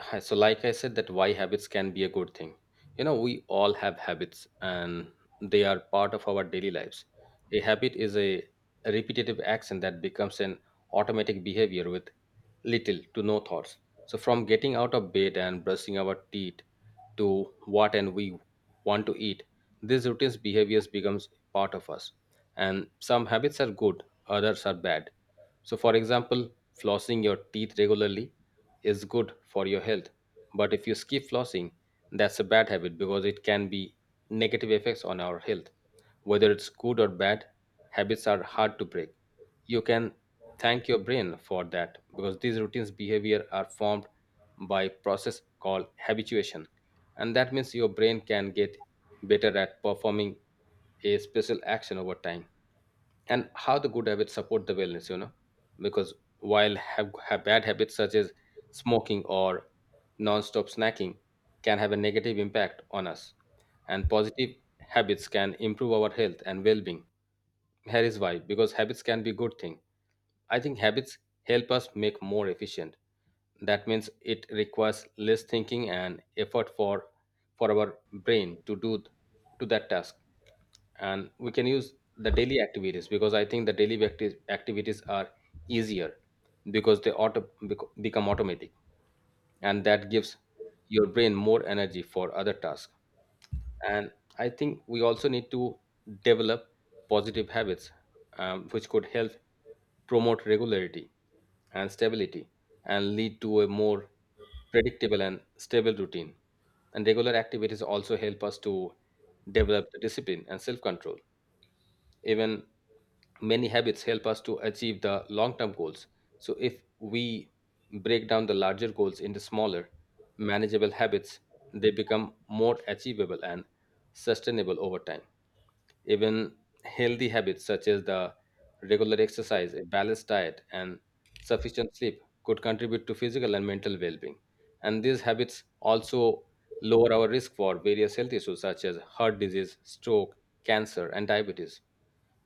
Hi, so like I said that why habits can be a good thing. You know, we all have habits, and they are part of our daily lives. A habit is a repetitive action that becomes an automatic behavior with little to no thoughts. So from getting out of bed and brushing our teeth to what and we want to eat, these routines behaviors becomes part of us, and some habits are good, others are bad. So, for example, flossing your teeth regularly is good for your health. But if you skip flossing, that's a bad habit because it can be negative effects on our health. Whether it's good or bad, habits are hard to break. You can thank your brain for that because these routines behavior are formed by process called habituation, and that means your brain can get better at performing a special action over time. And how the good habits support the wellness, you know, because while have bad habits such as smoking or non-stop snacking can have a negative impact on us, and positive habits can improve our health and well-being. Here is why, because habits can be good thing. I think habits help us make more efficient. That means it requires less thinking and effort for our brain to do to that task. And we can use the daily activities because I think the daily activities are easier because they become automatic, and that gives your brain more energy for other tasks. And I think we also need to develop positive habits, which could help promote regularity and stability and lead to a more predictable and stable routine. And regular activities also help us to develop the discipline and self control. Even many habits help us to achieve the long term goals. So, if we break down the larger goals into smaller, manageable habits, they become more achievable and sustainable over time. Even healthy habits such as the regular exercise, a balanced diet, and sufficient sleep could contribute to physical and mental well being. And these habits also lower our risk for various health issues such as heart disease, stroke, cancer, and diabetes.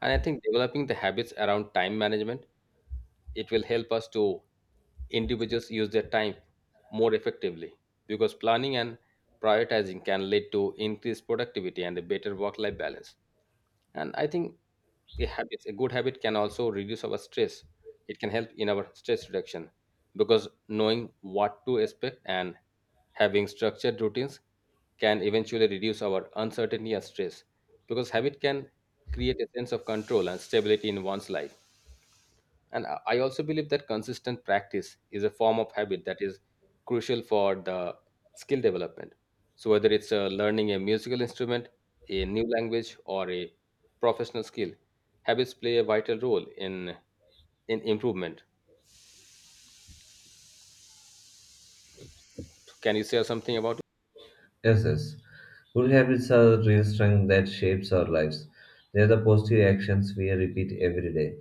And I think developing the habits around time management, it will help us to individuals use their time more effectively because planning and prioritizing can lead to increased productivity and a better work-life balance. And I think a habit, a good habit can also reduce our stress. It can help in our stress reduction because knowing what to expect and having structured routines can eventually reduce our uncertainty and stress, because habit can create a sense of control and stability in one's life. And I also believe that consistent practice is a form of habit that is crucial for the skill development. So, whether it's learning a musical instrument, a new language, or a professional skill, habits play a vital role in improvement. Can you share something about? Yes, yes. Good habits are real strength that shapes our lives. They are the positive actions we repeat every day.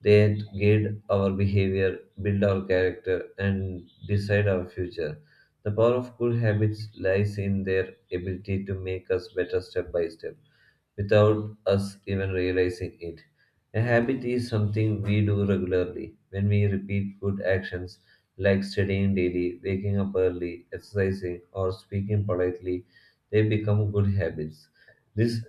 They guide our behavior, build our character, and decide our future. The power of good habits lies in their ability to make us better step by step, without us even realizing it. A habit is something we do regularly. When we repeat good actions, like studying daily, waking up early, exercising, or speaking politely, they become good habits. These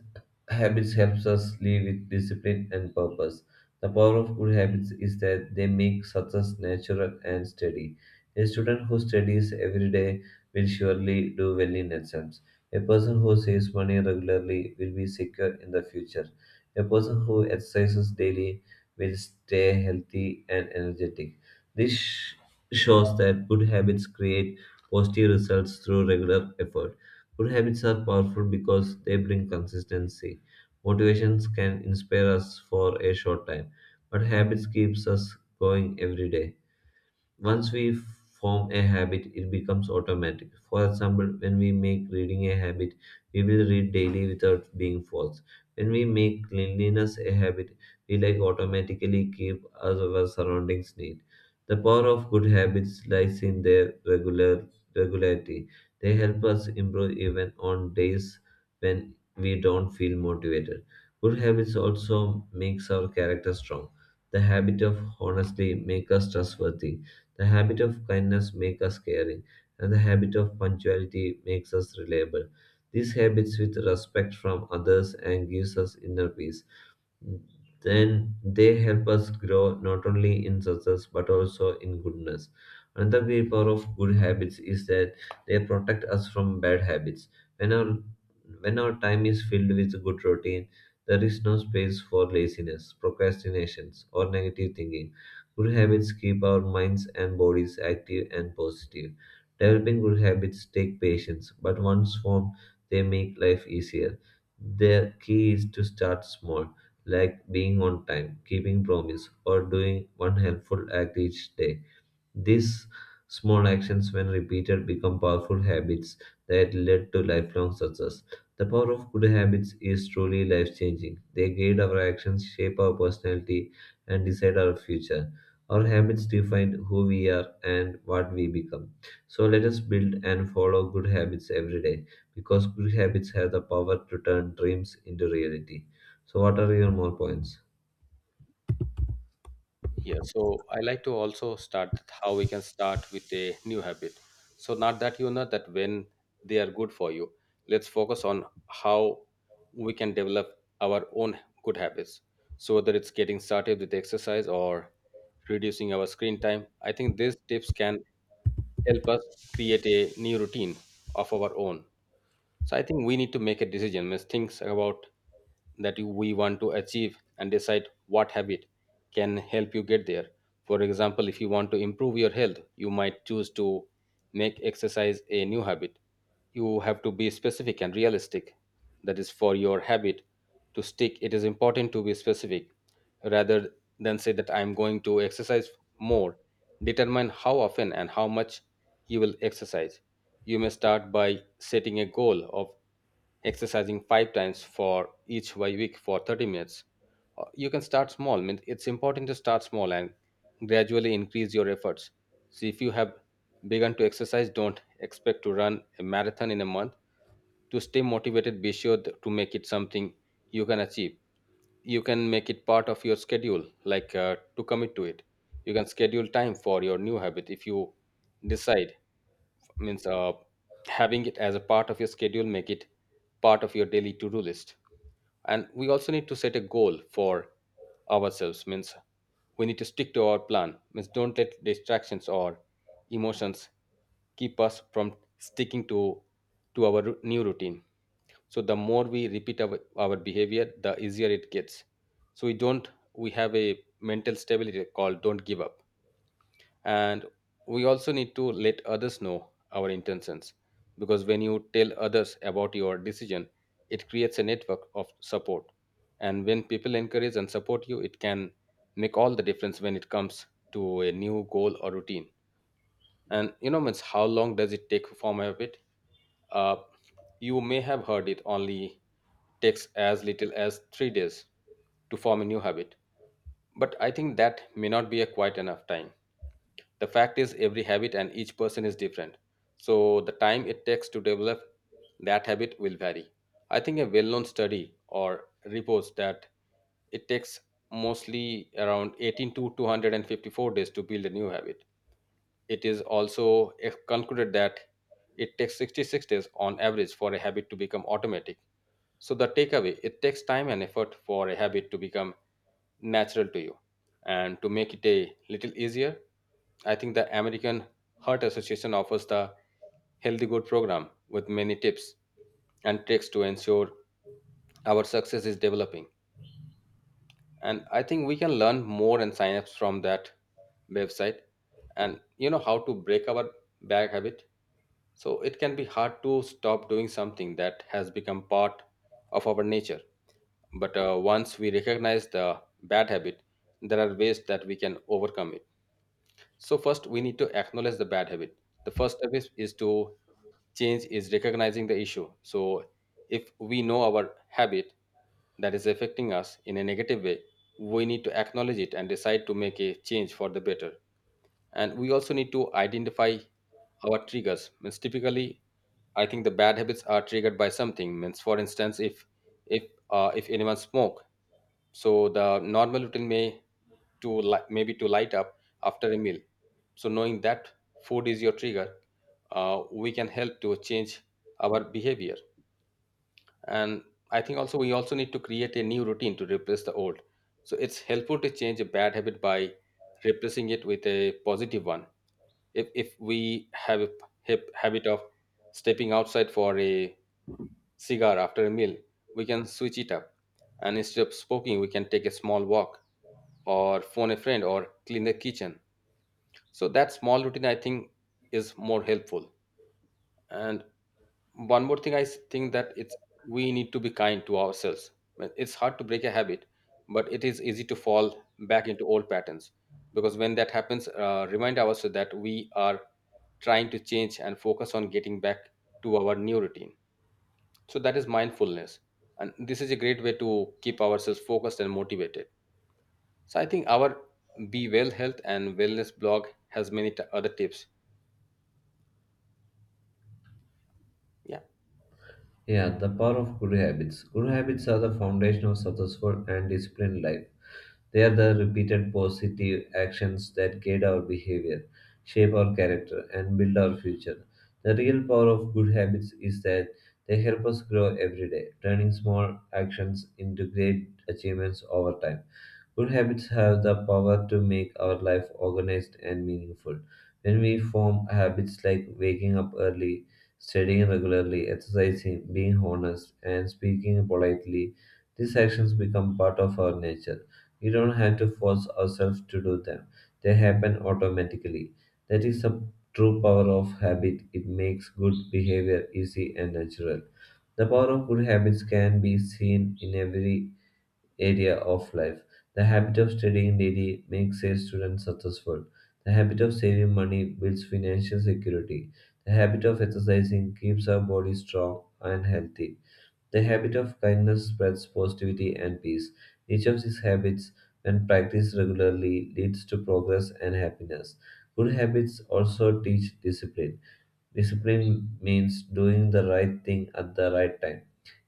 habits helps us live with discipline and purpose. The power of good habits is that they make success natural and steady. A student who studies every day will surely do well in exams. A person who saves money regularly will be secure in the future. A person who exercises daily will stay healthy and energetic. This shows that good habits create positive results through regular effort. Good habits are powerful because they bring consistency. Motivations can inspire us for a short time, but habits keeps us going every day. Once we form a habit, it becomes automatic. For example, when we make reading a habit, we will read daily without being forced. When we make cleanliness a habit, we like automatically keep our surroundings neat. The power of good habits lies in their regularity. They help us improve even on days when we don't feel motivated. Good habits also makes our character strong. The habit of honestly make us trustworthy, the habit of kindness makes us caring, and the habit of punctuality makes us reliable. These habits with respect from others and gives us inner peace, then they help us grow not only in success but also in goodness. Another great power of good habits is that they protect us from bad habits. When our when our time is filled with good routine, there is no space for laziness, procrastinations, or negative thinking. Good habits keep our minds and bodies active and positive. Developing good habits take patience, but once formed, they make life easier. The key is to start small, like being on time, keeping promise, or doing one helpful act each day. These small actions, when repeated, become powerful habits that lead to lifelong success. The power of good habits is truly life changing. They guide our actions, shape our personality, and decide our future. Our habits define who we are and what we become. So let us build and follow good habits every day because good habits have the power to turn dreams into reality. So, what are your more points? Yeah, so I like to also start with how we can start with a new habit. So not that you know that when they are good for you. Let's focus on how we can develop our own good habits. So whether it's getting started with exercise or reducing our screen time, I think these tips can help us create a new routine of our own. So I think we need to make a decision. Means things about that you, we want to achieve and decide what habit can help you get there. For example, if you want to improve your health, you might choose to make exercise a new habit. You have to be specific and realistic. That is for your habit to stick. It is important to be specific rather than say that I'm going to exercise more. Determine how often and how much you will exercise. You may start by setting a goal of exercising five times for each week for 30 minutes. You can start small. Means it's important to start small and gradually increase your efforts. So, if you have begun to exercise, don't expect to run a marathon in a month. To stay motivated, be sure to make it something you can achieve. You can make it part of your schedule, like to commit to it. You can schedule time for your new habit if you decide, means having it as a part of your schedule make it part of your daily to-do list. And we also need to set a goal for ourselves, means we need to stick to our plan, means don't let distractions or emotions keep us from sticking to our new routine. So the more we repeat our behavior, the easier it gets. So we don't, we have a mental stability called don't give up. And we also need to let others know our intentions, because when you tell others about your decision, it creates a network of support, and when people encourage and support you, it can make all the difference when it comes to a new goal or routine. And you know, means how long does it take to form a habit? Uh, you may have heard it only takes as little as 3 days to form a new habit, but I think that may not be a quite enough time. The fact is, every habit and each person is different. So, the time it takes to develop that habit will vary. I think a well known study or reports that it takes mostly around 18 to 254 days to build a new habit. It is also concluded that it takes 66 days on average for a habit to become automatic. So, the takeaway, it takes time and effort for a habit to become natural to you. And to make it a little easier, I think the American Heart Association offers the Healthy Good program with many tips and tricks to ensure our success is developing. And I think we can learn more and sign ups from that website. And you know how to break our bad habit. So it can be hard to stop doing something that has become part of our nature. But once we recognize the bad habit, there are ways that we can overcome it. So, first, we need to acknowledge the bad habit. The first step is to change, is recognizing the issue. So, if we know our habit that is affecting us in a negative way, we need to acknowledge it and decide to make a change for the better. And we also need to identify our triggers. Means typically, I think the bad habits are triggered by something. Means, for instance, if if anyone smoke. So the normal routine may maybe to light up after a meal. So knowing that food is your trigger, we can help to change our behavior. And I think also we also need to create a new routine to replace the old. So it's helpful to change a bad habit by replacing it with a positive one. If we have a habit of stepping outside for a cigar after a meal, we can switch it up, and instead of smoking we can take a small walk or phone a friend or clean the kitchen. So that small routine I think is more helpful. And one more thing I think that it's we need to be kind to ourselves. Well, it's hard to break a habit, but it is easy to fall back into old patterns, because when that happens, remind ourselves that we are trying to change and focus on getting back to our new routine. So that is mindfulness, and this is a great way to keep ourselves focused and motivated. So I think our Be Well Health and Wellness blog has many other tips. Yeah. Yeah, the power of good habits. Good habits are the foundation of successful and disciplined life. They are the repeated positive actions that guide our behavior, shape our character, and build our future. The real power of good habits is that they help us grow every day, turning small actions into great achievements over time. Good habits have the power to make our life organized and meaningful. When we form habits like waking up early, studying regularly, exercising, being honest, and speaking politely, these actions become part of our nature. We don't have to force ourselves to do them, they happen automatically. That is the true power of habit. It makes good behavior easy and natural. The power of good habits can be seen in every area of life. The habit of studying daily makes a student successful. The habit of saving money builds financial security. The habit of exercising keeps our body strong and healthy. The habit of kindness spreads positivity and peace. Each of these habits, when practiced regularly, leads to progress and happiness. Good habits also teach discipline. Discipline means doing the right thing at the right time.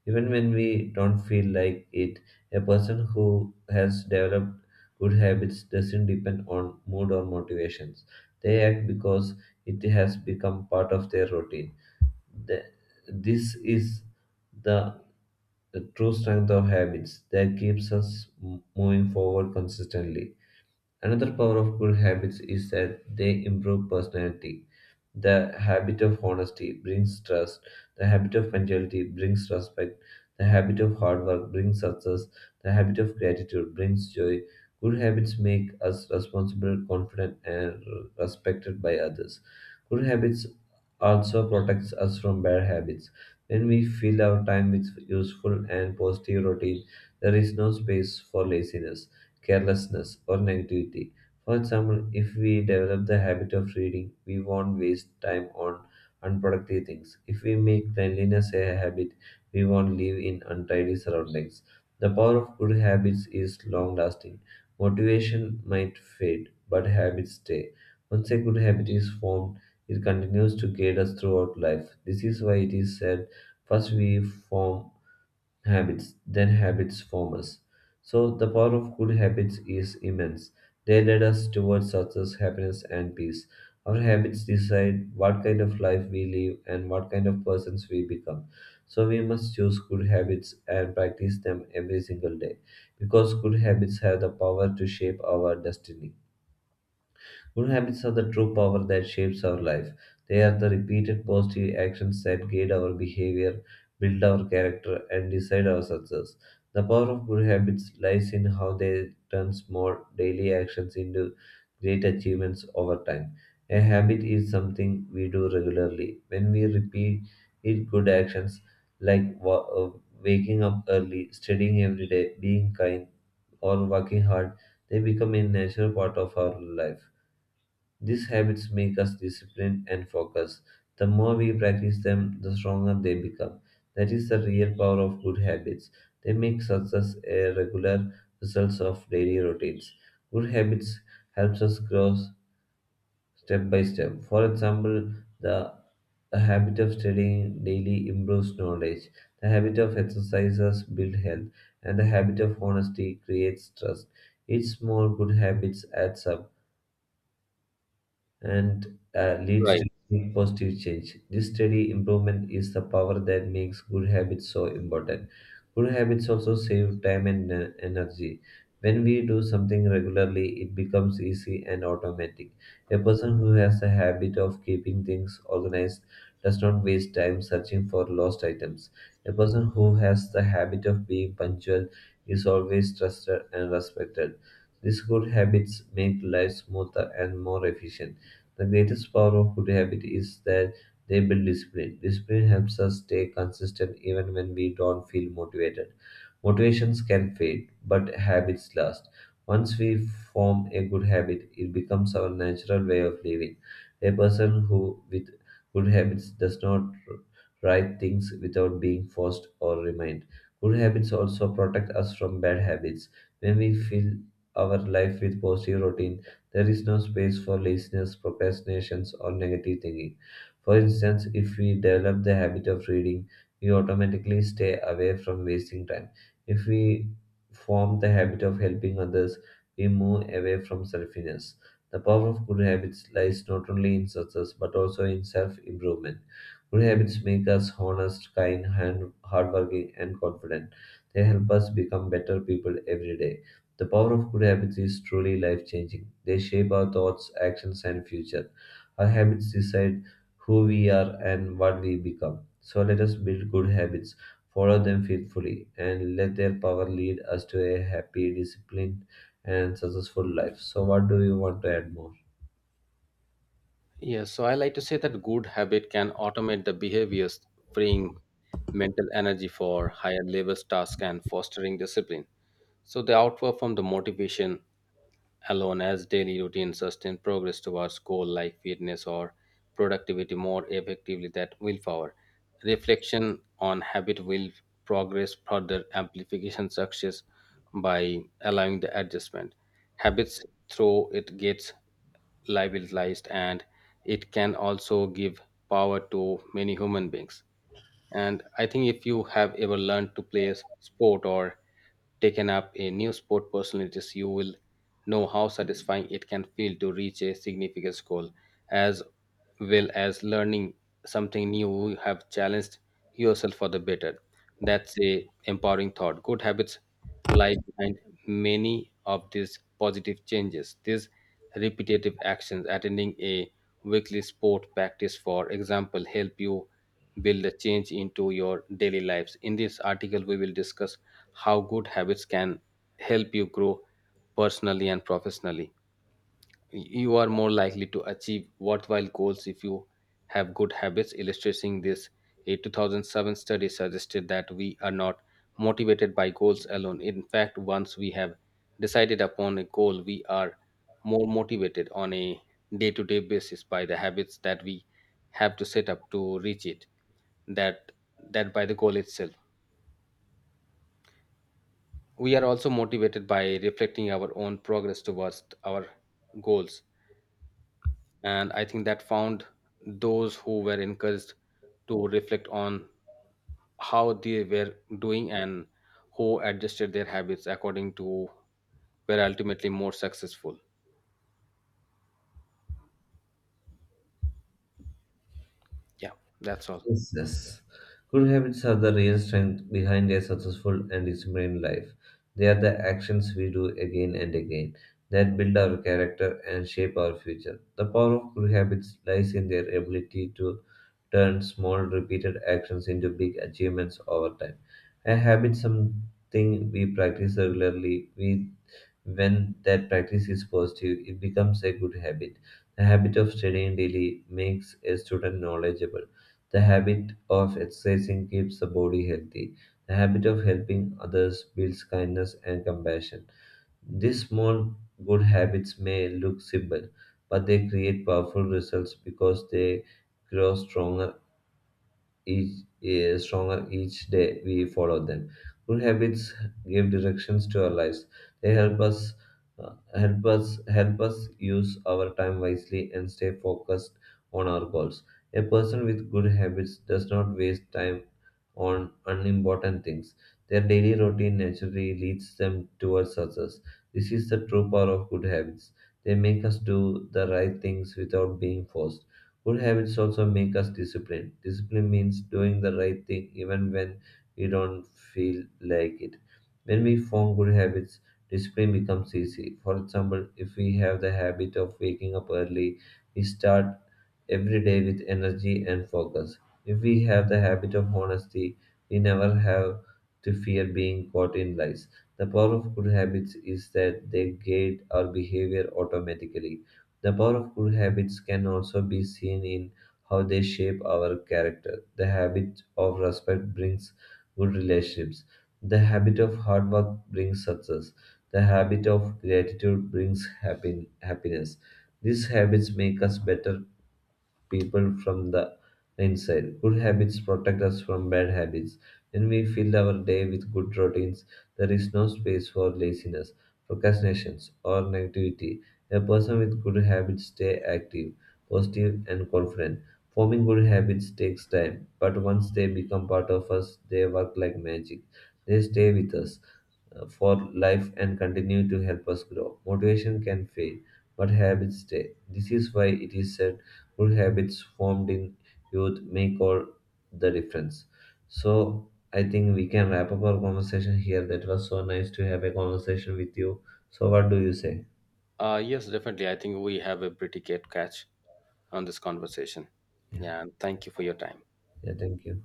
Even when we don't feel like it, a person who has developed good habits doesn't depend on mood or motivations. They act because it has become part of their routine. The- this is the the true strength of habits that keeps us moving forward consistently. Another power of good habits is that they improve personality. The habit of honesty brings trust. The habit of punctuality brings respect. The habit of hard work brings success. The habit of gratitude brings joy. Good habits make us responsible, confident, and respected by others. Good habits also protects us from bad habits. When we fill our time with useful and positive routine, there is no space for laziness, carelessness, or negativity. For example, if we develop the habit of reading, we won't waste time on unproductive things. If we make cleanliness a habit, we won't live in untidy surroundings. The power of good habits is long lasting. Motivation might fade, but habits stay. Once a good habit is formed, it continues to guide us throughout life. This is why it is said, first we form habits, then habits form us. So the power of good habits is immense. They lead us towards success, happiness, and peace. Our habits decide what kind of life we live and what kind of persons we become. So we must choose good habits and practice them every single day because good habits have the power to shape our destiny. Good habits are the true power that shapes our life. They are the repeated positive actions that guide our behavior, build our character, and decide our success. The power of good habits lies in how they turn small daily actions into great achievements over time. A habit is something we do regularly. When we repeat good actions like waking up early, studying every day, being kind, or working hard, they become a natural part of our life. These habits make us disciplined and focused. The more we practice them, the stronger they become. That is the real power of good habits. They make success a regular result of daily routines. Good habits helps us grow step by step. For example, the the habit of studying daily improves knowledge. The habit of exercises build health, and the habit of honesty creates trust. Each small good habits adds up and leads Right. to positive change. This steady improvement is the power that makes good habits so important. Good habits also save time and energy. When we do something regularly, it becomes easy and automatic. A person who has a habit of keeping things organized does not waste time searching for lost items. A person who has the habit of being punctual is always trusted and respected. These good habits make life smoother and more efficient. The greatest power of good habits is that they build discipline. Discipline helps us stay consistent even when we don't feel motivated. Motivations can fade, but habits last. Once we form a good habit, it becomes our natural way of living. A person who with good habits does not write things without being forced or reminded. Good habits also protect us from bad habits. When we fill our life with positive routine, there is no space for laziness, procrastinations, or negative thinking. For instance, if we develop the habit of reading, we automatically stay away from wasting time. If we form the habit of helping others, we move away from selfishness. The power of good habits lies not only in success but also in self improvement. Good habits make us honest, kind, hardworking, and confident. They help us become better people every day. The power of good habits is truly life changing. They shape our thoughts, actions, and future. Our habits decide who we are and what we become. So let us build good habits, follow them faithfully, and let their power lead us to a happy, disciplined, and successful life. So, what do you want to add more? Yes. So I like to say that good habit can automate the behaviors, freeing mental energy for higher level tasks and fostering discipline. So they outperform the motivation alone as daily routine sustain progress towards goal like fitness or productivity more effectively than willpower. Reflection on habit will progress further amplification success by allowing the adjustment. Habits through it gets liberalized, and it can also give power to many human beings. And I think if you have ever learned to play a sport or taken up a new sport personalities, you will know how satisfying it can feel to reach a significant goal, as well as learning something new. You have challenged yourself for the better. That's a empowering thought. Good habits lie behind many of these positive changes. These repetitive actions, attending a weekly sport practice, for example, help you build a change into your daily lives. In this article, we will discuss how good habits can help you grow personally and professionally. You are more likely to achieve worthwhile goals if you have good habits. Illustrating this, a 2007 study suggested that we are not motivated by goals alone. In fact, once we have decided upon a goal, we are more motivated on a day to day basis by the habits that we have to set up to reach it, that, that by the goal itself. We are also motivated by reflecting our own progress towards our goals. And I think that found those who were encouraged to reflect on how they were doing and who adjusted their habits according to were ultimately more successful. Yeah, that's all. Yes, yes. Good habits are the real strength behind a successful and disciplined life. They are the actions we do again and again that build our character and shape our future. The power of good habits lies in their ability to turn small, repeated actions into big achievements over time. A habit is something we practice regularly, we when that practice is positive, it becomes a good habit. The habit of studying daily makes a student knowledgeable. The habit of exercising keeps the body healthy. The habit of helping others builds kindness and compassion. These small good habits may look simple, but they create powerful results because they grow stronger stronger each day we follow them. Good habits give directions to our lives. They help us help us use our time wisely and stay focused on our goals. A person with good habits does not waste time on unimportant things. Their daily routine naturally leads them towards success. This is the true power of good habits. They make us do the right things without being forced. Good habits also make us disciplined. Discipline means doing the right thing even when we don't feel like it. When we form good habits, discipline becomes easy. For example, if we have the habit of waking up early, we start every day with energy and focus. If we have the habit of honesty, we never have to fear being caught in lies. The power of good habits is that they guide our behavior automatically. The power of good habits can also be seen in how they shape our character. The habit of respect brings good relationships. The habit of hard work brings success. The habit of gratitude brings happiness. These habits make us better people from the inside. Good habits protect us from bad habits. When we fill our day with good routines, there is no space for laziness, procrastinations, or negativity. A person with good habits stay active, positive, and confident. Forming good habits takes time, but once they become part of us, they work like magic. They stay with us for life and continue to help us grow. Motivation can fade, but habits stay. This is why it is said good habits formed in youth make all the difference. So I think we can wrap up our conversation here. That was so nice to have a conversation with you. So what do you say? Uh, yes, definitely, I think we have a pretty good catch on this conversation. Yeah, Yeah, and thank you for your time. yeah, thank you.